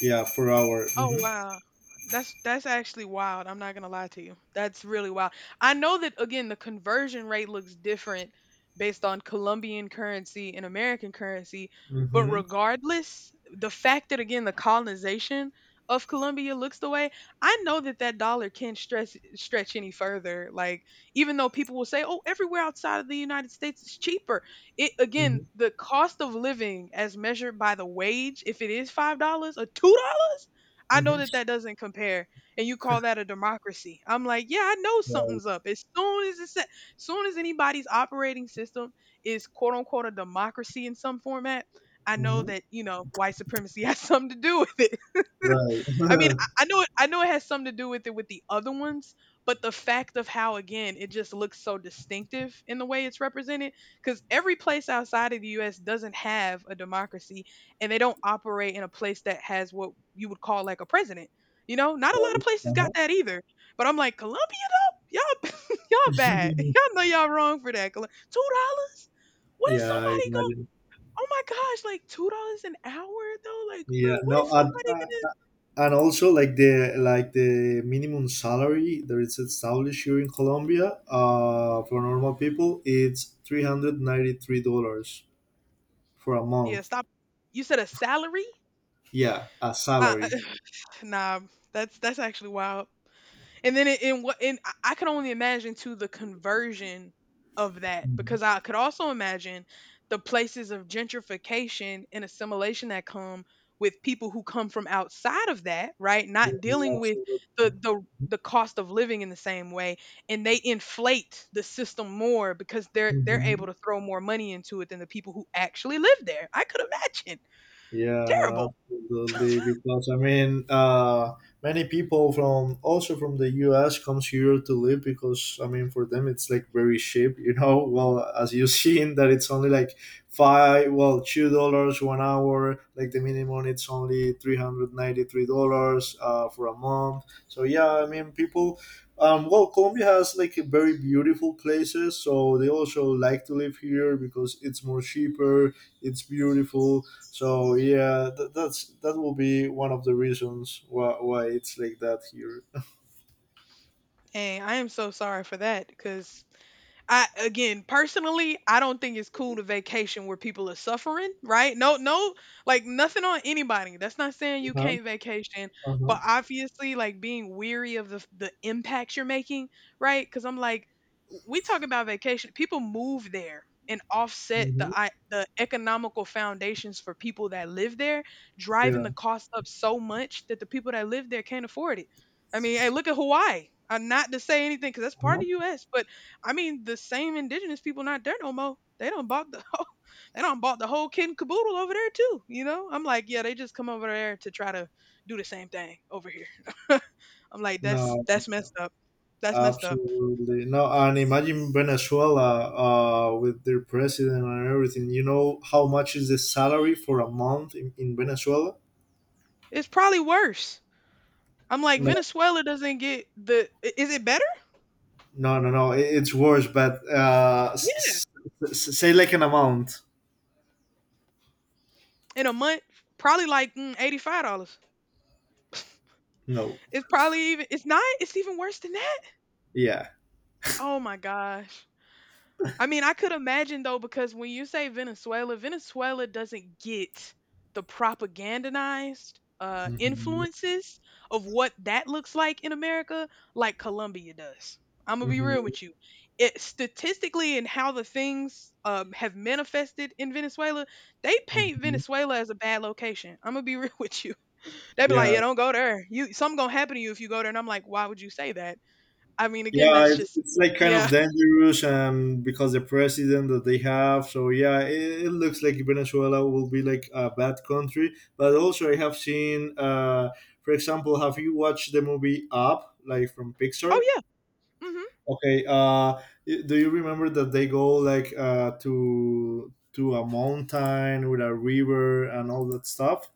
Speaker 1: yeah per hour.
Speaker 2: Oh wow. That's actually wild. I'm not gonna lie to you. That's really wild. I know that, again, the conversion rate looks different based on Colombian currency and American currency,
Speaker 1: hmm
Speaker 2: but
Speaker 1: hmm
Speaker 2: regardless, the fact that, again, the colonization of Colombia looks the way, I know that that dollar can stretch any further. Like even though people will say, "Oh, everywhere outside of the United States is cheaper," it again
Speaker 1: hmm
Speaker 2: the cost of living as measured by the wage, if it is $5 or $2 I know
Speaker 1: hmm
Speaker 2: that that doesn't compare, and you call that a democracy. I'm like, yeah, I know
Speaker 1: Right.
Speaker 2: something's up. As soon as anybody's operating system is quote unquote a democracy in some format, I know
Speaker 1: hmm
Speaker 2: that white supremacy *laughs* has something to do with it.
Speaker 1: Right.
Speaker 2: I mean,
Speaker 1: *laughs*
Speaker 2: I, I know it. I know it has something to do with it with the other ones, but the fact of how again it just looks so distinctive in the way it's represented, because every place outside of the U.S. doesn't have a democracy, and they don't operate in a place that has what you would call like a president. You know, not a lot of
Speaker 1: Right.
Speaker 2: places got
Speaker 1: Uh-huh.
Speaker 2: that either. But I'm like, Colombia, y'all, *laughs* y'all bad. *laughs*
Speaker 1: *laughs*
Speaker 2: Y'all know y'all wrong for that. $2? What is
Speaker 1: Yeah, I
Speaker 2: somebody going?
Speaker 1: imagine.
Speaker 2: Oh my gosh, like $2 an hour though? Like,
Speaker 1: Yeah,
Speaker 2: bro, what
Speaker 1: no,
Speaker 2: is
Speaker 1: at,
Speaker 2: somebody
Speaker 1: and also like the minimum salary that is established here in Colombia for normal people it's $393 for a
Speaker 2: Yeah,
Speaker 1: month.
Speaker 2: stop. You said a salary?
Speaker 1: Yeah, a
Speaker 2: Uh, uh,
Speaker 1: salary.
Speaker 2: *sighs* nah, that's actually wild. And then it, and what and I could only imagine too the conversion of that
Speaker 1: Mhm.
Speaker 2: because I could also imagine the places of gentrification and assimilation that come with people who come from outside of that, right? Not
Speaker 1: Mhm,
Speaker 2: dealing with
Speaker 1: absolutely.
Speaker 2: the the the cost of living in the same way and they inflate the system more because they're
Speaker 1: Mm-hmm.
Speaker 2: able to throw more money into it than the people who actually live there. I could imagine.
Speaker 1: Yeah,
Speaker 2: Terrible.
Speaker 1: no, absolutely. Because I mean, many people from also from the U.S. comes here to live because I mean, for them it's like very cheap, you know. *laughs* Well, as you *laughs* seen that it's only like five, well, $2 1 hour. Like the minimum, it's only $393 for a month. So yeah, I mean, people. Well, Colombia has like a very beautiful places, so they also like to live here because it's more cheaper, it's beautiful, so yeah, that's that will be one of the reasons why it's like that here.
Speaker 2: And I am so sorry for that because I again personally, I don't think it's cool to vacation where people are suffering, right? No, no, like nothing on anybody. That's not saying you
Speaker 1: Uh-huh,
Speaker 2: can't vacation,
Speaker 1: uh-huh.
Speaker 2: but obviously, like being weary of the impacts you're making, right? Because I'm like, we talk about vacation. People move there and offset
Speaker 1: Hmm.
Speaker 2: the economical foundations for people that live there, driving
Speaker 1: Yeah.
Speaker 2: the cost up so much that the people that live there can't afford it. I mean, hey, look at Hawaii. I'm not to say anything because that's part of
Speaker 1: Uh-huh.
Speaker 2: the U.S., but I mean, the same indigenous people not there no more. They don't bought the *laughs* whole, They don't bought the whole kid and caboodle over there too. You know, I'm like, yeah, they just come over there to try to do the same thing over here. *laughs* I'm like, that's
Speaker 1: No,
Speaker 2: that's messed up. That's messed up.
Speaker 1: absolutely no. And imagine Venezuela with their president and everything. You know how much is the salary for a month in Venezuela?
Speaker 2: It's probably worse. I'm like,
Speaker 1: No,
Speaker 2: Venezuela doesn't get Is it better?
Speaker 1: no, no, no. It's worse. But
Speaker 2: Yeah,
Speaker 1: say like an amount.
Speaker 2: in a month, probably like $85.
Speaker 1: No.
Speaker 2: It's probably even. It's not. It's even worse than that.
Speaker 1: Yeah.
Speaker 2: Oh my gosh. I mean, I could imagine though, because when you say Venezuela, Venezuela doesn't get the propagandized
Speaker 1: Hmm.
Speaker 2: influences of what that looks like in America, like Colombia does. I'm gonna be real
Speaker 1: Hmm.
Speaker 2: with you. It statistically and how the things have manifested in Venezuela, they paint
Speaker 1: Hmm.
Speaker 2: Venezuela as a bad location. I'm gonna be real *laughs* with you. They be like,
Speaker 1: Yeah.
Speaker 2: "Yeah, don't go there. You something gonna happen to you if you go there." And I'm like, "Why would you say that?" I mean, again,
Speaker 1: Yeah,
Speaker 2: that's just
Speaker 1: it's like kind of
Speaker 2: yeah.
Speaker 1: dangerous, and because the president that they have, so yeah, it looks like Venezuela will be like a bad country. But also, I have seen, for example, have you watched the movie Up, like from
Speaker 2: Oh
Speaker 1: Pixar?
Speaker 2: yeah. Mhm.
Speaker 1: Okay, do you remember that they go like to a mountain with a river and all that stuff?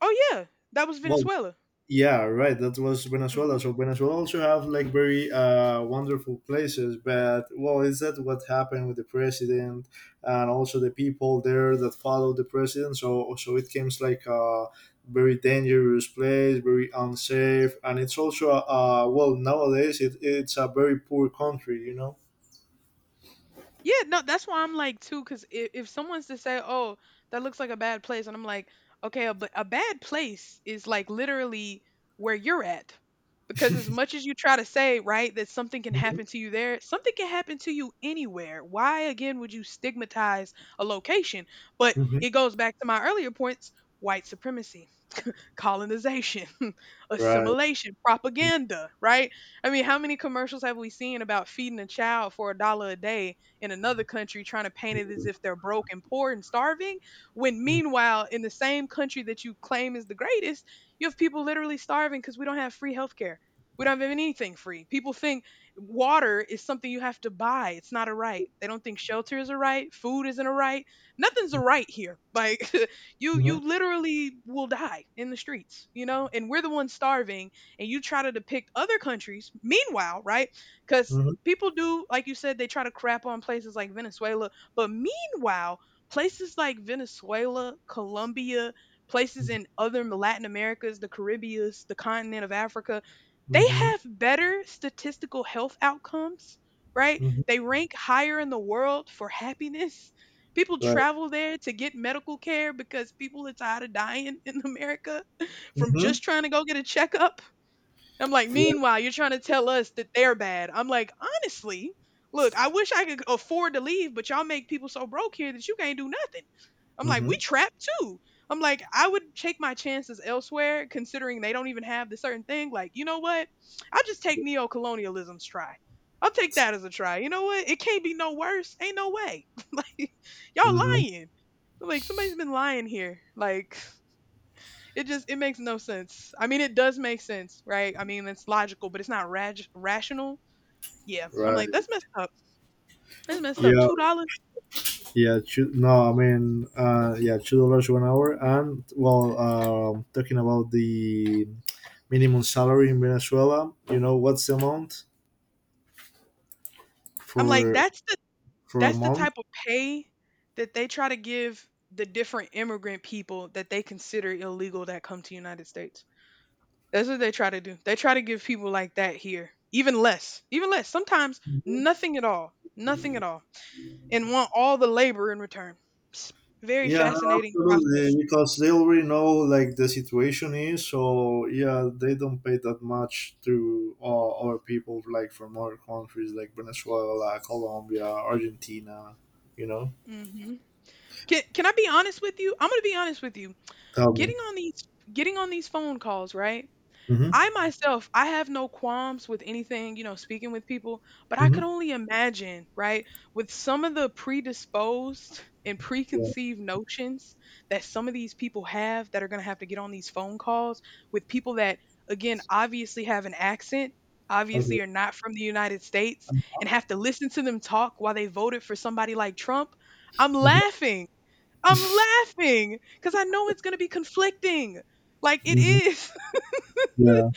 Speaker 2: Oh yeah, that was
Speaker 1: Well,
Speaker 2: Venezuela.
Speaker 1: yeah, right. That was
Speaker 2: Mm.
Speaker 1: Venezuela. So Venezuela also have like very wonderful places, but well, is that what happened with the president and also the people there that followed the president? So so it seems like a very dangerous place, very unsafe, and it's also well nowadays it's a very poor country, you know.
Speaker 2: Yeah, no, that's why I'm like too, because if someone's to say, "Oh, that looks like a bad place," and I'm like, "Okay, a bad place is like literally where you're at," because as much as you try to say, right, that something can
Speaker 1: Hmm.
Speaker 2: happen to you there, something can happen to you anywhere. Why again would you stigmatize a location? But
Speaker 1: Hmm.
Speaker 2: it goes back to my earlier points: white supremacy. Colonization, *laughs*
Speaker 1: Right.
Speaker 2: assimilation, propaganda, right? I mean, how many commercials have we seen about feeding a child for a dollar a day in another country trying to paint it as if they're broke and poor and starving? When
Speaker 1: Mm-hmm.
Speaker 2: meanwhile, in the same country that you claim is the greatest, you have people literally starving because we don't have free healthcare. We don't have anything free. People think water is something you have to buy. It's not a right. They don't think shelter is a right. Food isn't a right. Nothing's a right here. Like, *laughs* you
Speaker 1: Mm-hmm.
Speaker 2: literally will die in the streets, you know? And we're the ones starving and you try to depict other countries. Meanwhile, right? Cuz
Speaker 1: Hmm.
Speaker 2: people do like you said they try to crap on places like Venezuela, but meanwhile, places like Venezuela, Colombia, places in other Latin Americas, the Caribbeans, the continent of Africa, they
Speaker 1: Hmm.
Speaker 2: have better statistical health outcomes, right?
Speaker 1: Hmm.
Speaker 2: They rank higher in the world for happiness. People
Speaker 1: Right.
Speaker 2: travel there to get medical care because people are tired of dying in America *laughs* from
Speaker 1: Hmm.
Speaker 2: just trying to go get a checkup. I'm like,
Speaker 1: Yeah.
Speaker 2: meanwhile, you're trying to tell us that they're bad. I'm like, honestly, look, I wish I could afford to leave, but y'all make people so broke here that you can't do nothing. I'm like, we
Speaker 1: Hmm.
Speaker 2: trapped too. I'm like, I would take my chances elsewhere, considering they don't even have the certain thing. Like, you know what? I'll just take neo-colonialism's try. I'll take that as a try. You know what? It can't be no worse. Ain't no way. *laughs* Like, y'all
Speaker 1: Hmm.
Speaker 2: lying. Like, somebody's been lying here. Like, it just it makes no sense. I mean, it does make sense, right? I mean, it's logical, but it's not rational. Yeah, I'm like
Speaker 1: Right.
Speaker 2: that's messed up. That's messed up.
Speaker 1: Yeah.
Speaker 2: $2.
Speaker 1: Yeah, no, I mean, yeah, $2 one hour. And well, talking about the minimum salary in Venezuela, you know, what's the amount
Speaker 2: I'm like
Speaker 1: for
Speaker 2: that's the
Speaker 1: for a
Speaker 2: that's the
Speaker 1: month?
Speaker 2: type of pay that they try to give the different immigrant people that they consider illegal that come to United States. That's what they try to do. They try to give people like that here even less, even less. Sometimes nothing at all, nothing at all, and want all the labor in return. Psst. Very
Speaker 1: Yeah, no,
Speaker 2: fascinating process.
Speaker 1: absolutely, because they already know like the situation is. So yeah, they don't pay that much to other people like from other countries like Venezuela, Colombia, Argentina. You know,
Speaker 2: hmm can I be honest with you? I'm gonna be honest with you.
Speaker 1: tell
Speaker 2: Getting
Speaker 1: me.
Speaker 2: on these Getting on these phone calls, right?
Speaker 1: Mm-hmm.
Speaker 2: I myself, I have no qualms with anything, you know, speaking with people, but I
Speaker 1: Mm-hmm.
Speaker 2: could only imagine, right, with some of the predisposed and
Speaker 1: Yeah.
Speaker 2: preconceived notions that some of these people have that are gonna have to get on these phone calls with people that, again, obviously have an accent,
Speaker 1: Okay.
Speaker 2: obviously are not from the United States,
Speaker 1: Mhm.
Speaker 2: and have to listen to them talk while they voted for somebody like Trump. I'm laughing. I'm laughing because I know it's going to be conflicting. Like it
Speaker 1: Mhm.
Speaker 2: is. *laughs*
Speaker 1: Yeah.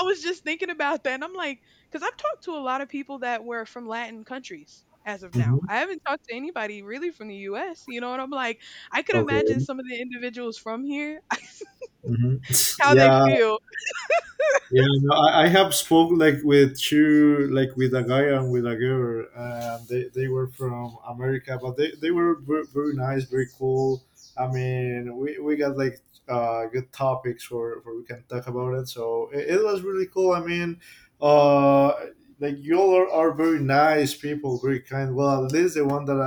Speaker 2: I was just thinking about that. And I'm like, because I've talked to a lot of people that were from Latin countries as of now.
Speaker 1: Hmm.
Speaker 2: I haven't talked to anybody really from the US, you know, and I'm like, I could
Speaker 1: Okay.
Speaker 2: imagine some of the individuals from here, *laughs*
Speaker 1: Hmm. *laughs*
Speaker 2: how they
Speaker 1: Yeah,
Speaker 2: feel.
Speaker 1: yeah. No, I have spoke like with two, like with a guy and with a girl, and they were from America, but they were very, very nice, very cool. I mean, we got like good topics for we can talk about it. So it was really cool. I mean, uh, like you all are very nice people, very kind. Well, at least the one that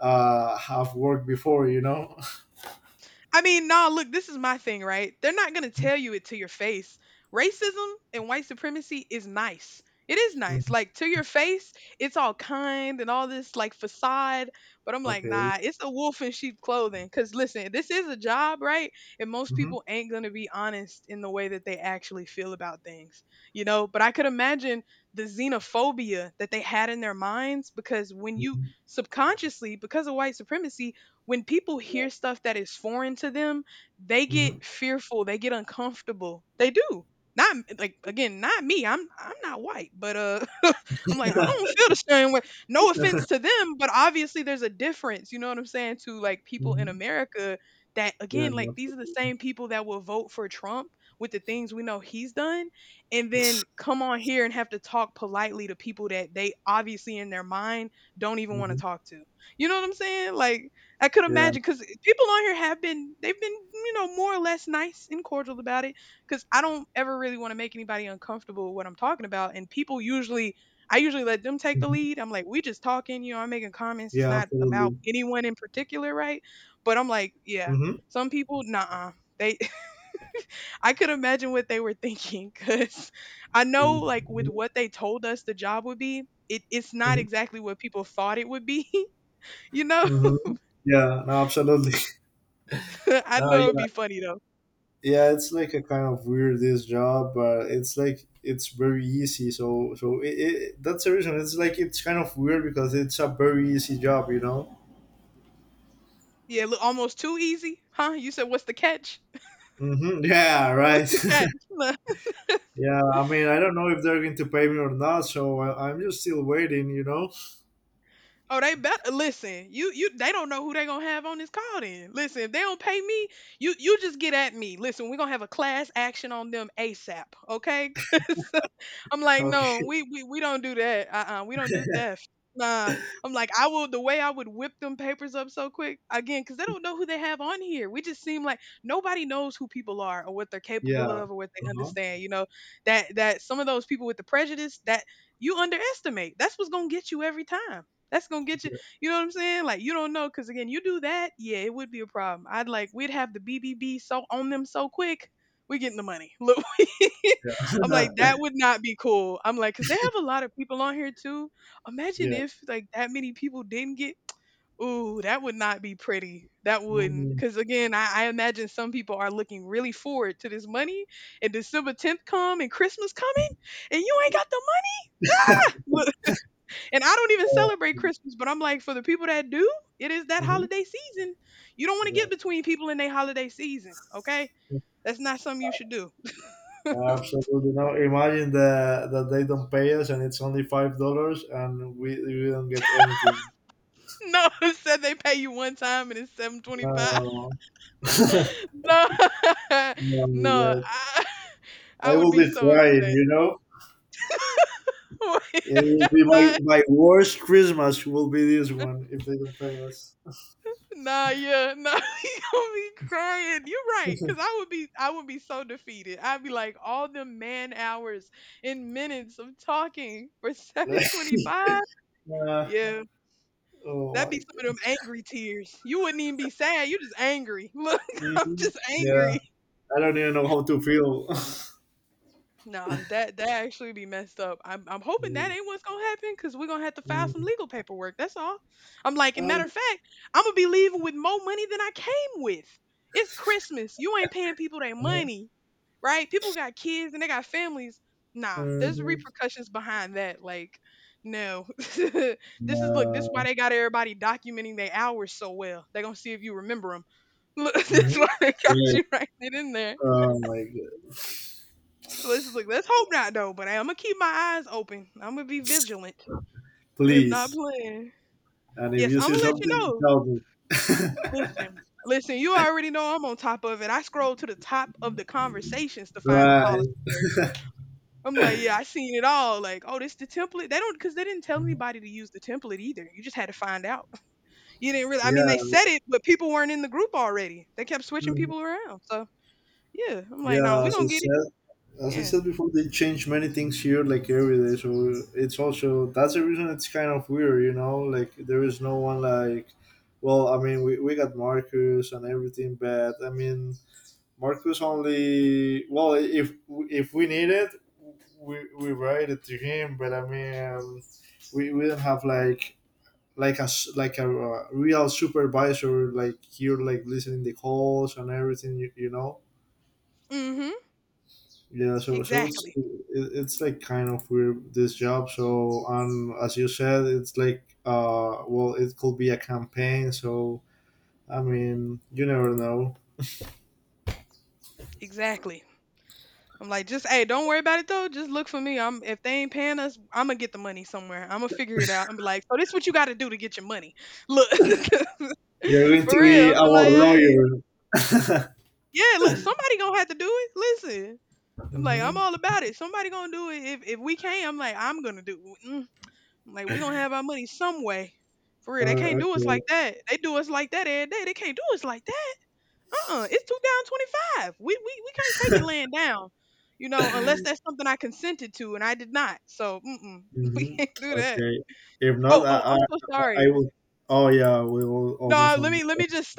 Speaker 1: I have worked before, you know. *laughs*
Speaker 2: I mean, nah, look, this is my thing, right? They're not going to tell you it to your face. Racism and white supremacy is nice. It is nice.
Speaker 1: Mhm.
Speaker 2: Like to your face, it's all kind and all this like facade. But I'm like,
Speaker 1: Okay.
Speaker 2: nah, it's a wolf in sheep clothing. Cause listen, this is a job, right? And most
Speaker 1: Hmm.
Speaker 2: people ain't gonna be honest in the way that they actually feel about things. You know, but I could imagine the xenophobia that they had in their minds because when you subconsciously, because of white supremacy, when people hear stuff that is foreign to them, they get
Speaker 1: Mhm,
Speaker 2: fearful, they get uncomfortable. They do. Not like again, not me. I'm not white, but *laughs* I'm like I don't feel the same way. No offense to them, but obviously there's a difference, you know what I'm saying, to like people in
Speaker 1: mhm.
Speaker 2: America that
Speaker 1: Yeah,
Speaker 2: again,
Speaker 1: no,
Speaker 2: like these
Speaker 1: abso
Speaker 2: are the same people that will vote for Trump with the things we know he's done and then come on here and have to talk politely to people that they obviously in their mind don't even want to
Speaker 1: mhm.
Speaker 2: talk to. You know what I'm saying? Like I could
Speaker 1: Yeah,
Speaker 2: imagine because people on here have been you know more or less nice and cordial about it because I don't ever really want to make anybody uncomfortable with what I'm talking about and people usually I usually let them take the
Speaker 1: mhm.
Speaker 2: lead I'm like we just talking you know I'm making comments it's
Speaker 1: Yeah,
Speaker 2: not about
Speaker 1: absolutely.
Speaker 2: anyone in particular right but I'm like yeah
Speaker 1: Mhm.
Speaker 2: some people nah they *laughs* I could imagine what they were *laughs* thinking because I know like with
Speaker 1: Mhm,
Speaker 2: what they told us the job would be it's not
Speaker 1: mhm,
Speaker 2: exactly what people thought it would be *laughs* you know
Speaker 1: mhm. Yeah, no, absolutely. *laughs*
Speaker 2: *laughs* I
Speaker 1: No,
Speaker 2: know it'd be
Speaker 1: yeah.
Speaker 2: funny though.
Speaker 1: Yeah, it's like a kind of weirdest job, but it's like it's very easy. So so it that's the reason. It's like it's kind of weird because it's a very easy job, you know?
Speaker 2: Yeah, look, almost too easy, huh? You said, "What's the catch?
Speaker 1: Hmm. Yeah,
Speaker 2: *laughs* What's
Speaker 1: right.
Speaker 2: the catch?"
Speaker 1: *laughs* Yeah, I mean, I don't know if they're going to pay me or not, so I'm just still waiting, you know?
Speaker 2: Oh, they better listen. You they don't know who they gonna have on this call then. Listen, if they don't pay me, you just get at me. Listen, we're gonna have a class action on them ASAP, okay? *laughs* 'Cause I'm
Speaker 1: *laughs*
Speaker 2: like, no,
Speaker 1: Okay.
Speaker 2: we don't do that. We don't do theft. Nah. I'm like, I will, the way I would whip them papers up so quick. Again, because they don't know who they have on here. We just seem like nobody knows who people are or what they're capable
Speaker 1: Yeah.
Speaker 2: of or what they
Speaker 1: Uh-huh.
Speaker 2: understand, you know. That some of those people with the prejudice that you underestimate, that's what's gonna get you every time. That's gonna get you. You know what I'm saying? Like, you don't know, cause again, you do that, yeah, it would be a problem. I'd like, we'd have the BBB so on them so quick. We're getting the money. *laughs* Look, we- *laughs* I'm
Speaker 1: Yeah.
Speaker 2: like, that would not be cool. I'm like, cause they have a lot of people on here too. Imagine
Speaker 1: *laughs* Yeah.
Speaker 2: if like that many people didn't get. Ooh, that would not be pretty. That wouldn't,
Speaker 1: Mm,
Speaker 2: cause again, I imagine some people are looking really forward to this money, and December 10th come and Christmas coming, and you ain't got the money. And I don't even
Speaker 1: yeah.
Speaker 2: celebrate Christmas, but I'm like, for the people that do, it is that
Speaker 1: Mhm.
Speaker 2: holiday season. You don't want to
Speaker 1: Yeah.
Speaker 2: get between people in their holiday season, okay? That's not something you should do. *laughs*
Speaker 1: Absolutely. Now imagine that that they don't pay us and it's only $5 and we don't get anything.
Speaker 2: No, *laughs* it said they pay you one time and it's 7.25.
Speaker 1: No. *laughs*
Speaker 2: *laughs* No, *laughs*
Speaker 1: No,
Speaker 2: no,
Speaker 1: yes.
Speaker 2: I, *laughs* I
Speaker 1: I
Speaker 2: would
Speaker 1: will
Speaker 2: be
Speaker 1: be
Speaker 2: so
Speaker 1: crying,
Speaker 2: upset.
Speaker 1: you know? It will be
Speaker 2: *laughs* Nah,
Speaker 1: my my worst Christmas will be this one if they don't pay us.
Speaker 2: nah, yeah, nah, *laughs* you gonna be crying. You're right, cause
Speaker 1: *laughs*
Speaker 2: I would be so defeated. I'd be like, all the man hours and minutes of talking for *laughs* 7.25.
Speaker 1: Uh,
Speaker 2: Yeah,
Speaker 1: oh
Speaker 2: that'd be
Speaker 1: my
Speaker 2: some of
Speaker 1: god.
Speaker 2: them angry tears. You wouldn't even be sad, you just angry. *laughs* Look, I'm
Speaker 1: Mhm.
Speaker 2: just
Speaker 1: Yeah.
Speaker 2: angry.
Speaker 1: I don't even know how to feel. *laughs*
Speaker 2: Nah, that actually be messed up. I'm hoping that
Speaker 1: Mm,
Speaker 2: ain't what's gonna happen, because we're gonna have to file some
Speaker 1: mm.
Speaker 2: legal paperwork. That's all. I'm like, and matter
Speaker 1: Uh,
Speaker 2: of fact, I'm gonna be leaving with more money than I came with. It's Christmas. You ain't paying people their money, right? People got kids and they got families. Nah,
Speaker 1: mhm.
Speaker 2: there's
Speaker 1: Mhm.
Speaker 2: repercussions behind that. Like, no. *laughs* This is, look, this
Speaker 1: Yeah.
Speaker 2: why they got everybody documenting their hours so well. They gonna see if you remember them. *laughs* Look, that's why
Speaker 1: Mhm.
Speaker 2: they got you right in there.
Speaker 1: Oh my god.
Speaker 2: Let's look. Let's hope not though. But I'm gonna keep my eyes open. I'm gonna be vigilant. I am not
Speaker 1: Please.
Speaker 2: playing.
Speaker 1: And if
Speaker 2: Yes,
Speaker 1: you
Speaker 2: I'm
Speaker 1: see
Speaker 2: gonna let you
Speaker 1: something,
Speaker 2: know.
Speaker 1: tell me. *laughs*
Speaker 2: Listen, listen. You already know I'm on top of it. I scroll to the top of the conversations to find the policy
Speaker 1: Right.
Speaker 2: work. I'm like, yeah, I seen it all. Like, oh, this the template. They don't, because they didn't tell
Speaker 1: Mhm.
Speaker 2: anybody to use the template either. You just had to find out. *laughs* You didn't really. I mean, they
Speaker 1: Yeah.
Speaker 2: said it, but people weren't in the group already. They kept switching
Speaker 1: Mhm.
Speaker 2: people around. So yeah, I'm like, nah,
Speaker 1: Yeah.
Speaker 2: we gonna get it.
Speaker 1: As I
Speaker 2: Yeah.
Speaker 1: said before, they change many things here like every day. So it's also that's the reason it's kind of weird, you know. Like there is no one like. Well, I mean, we got Marcus and everything, but I mean, Marcus only. Well, if we need it, we write it to him. But I mean, we don't have like a real supervisor like you're like listening the calls and everything you, you know.
Speaker 2: Mm-hmm.
Speaker 1: Yeah, so so it's
Speaker 2: Exactly.
Speaker 1: it's like kind of weird this job, so as you said it's like well it could be a campaign, so I mean you never know.
Speaker 2: Exactly. I'm like, just hey, don't worry about it though. Just look for me. I'm, if they ain't paying us, I'm gonna get the money somewhere. I'm gonna figure it out. I'm like, so this what you got to do to get your money. Look,
Speaker 1: You're
Speaker 2: *laughs*
Speaker 1: going to
Speaker 2: for real.
Speaker 1: be
Speaker 2: I'm
Speaker 1: our
Speaker 2: like, hey,
Speaker 1: lawyer. *laughs*
Speaker 2: yeah. Look, somebody gonna have to do it. Listen, I'm like, I'm
Speaker 1: Mm-hmm.
Speaker 2: all about it. Somebody gonna do it. If we can't, I'm like, I'm gonna do. Mm. Mm. I'm like, we gonna have our money some way. For real, they
Speaker 1: Uh,
Speaker 2: can't do us like
Speaker 1: okay.
Speaker 2: that. They do us like that every day. They can't do us like that. Uh-uh, it's two down 25. We can't take it laying down, you know, unless that's something I consented to, and I did not. So mm-mm, *laughs* we
Speaker 1: Mm-hmm.
Speaker 2: can't do that.
Speaker 1: Okay. If not,
Speaker 2: Oh, oh, I'm so
Speaker 1: I
Speaker 2: sorry.
Speaker 1: will. Oh yeah, we will
Speaker 2: No,
Speaker 1: almost
Speaker 2: let
Speaker 1: on
Speaker 2: me let me just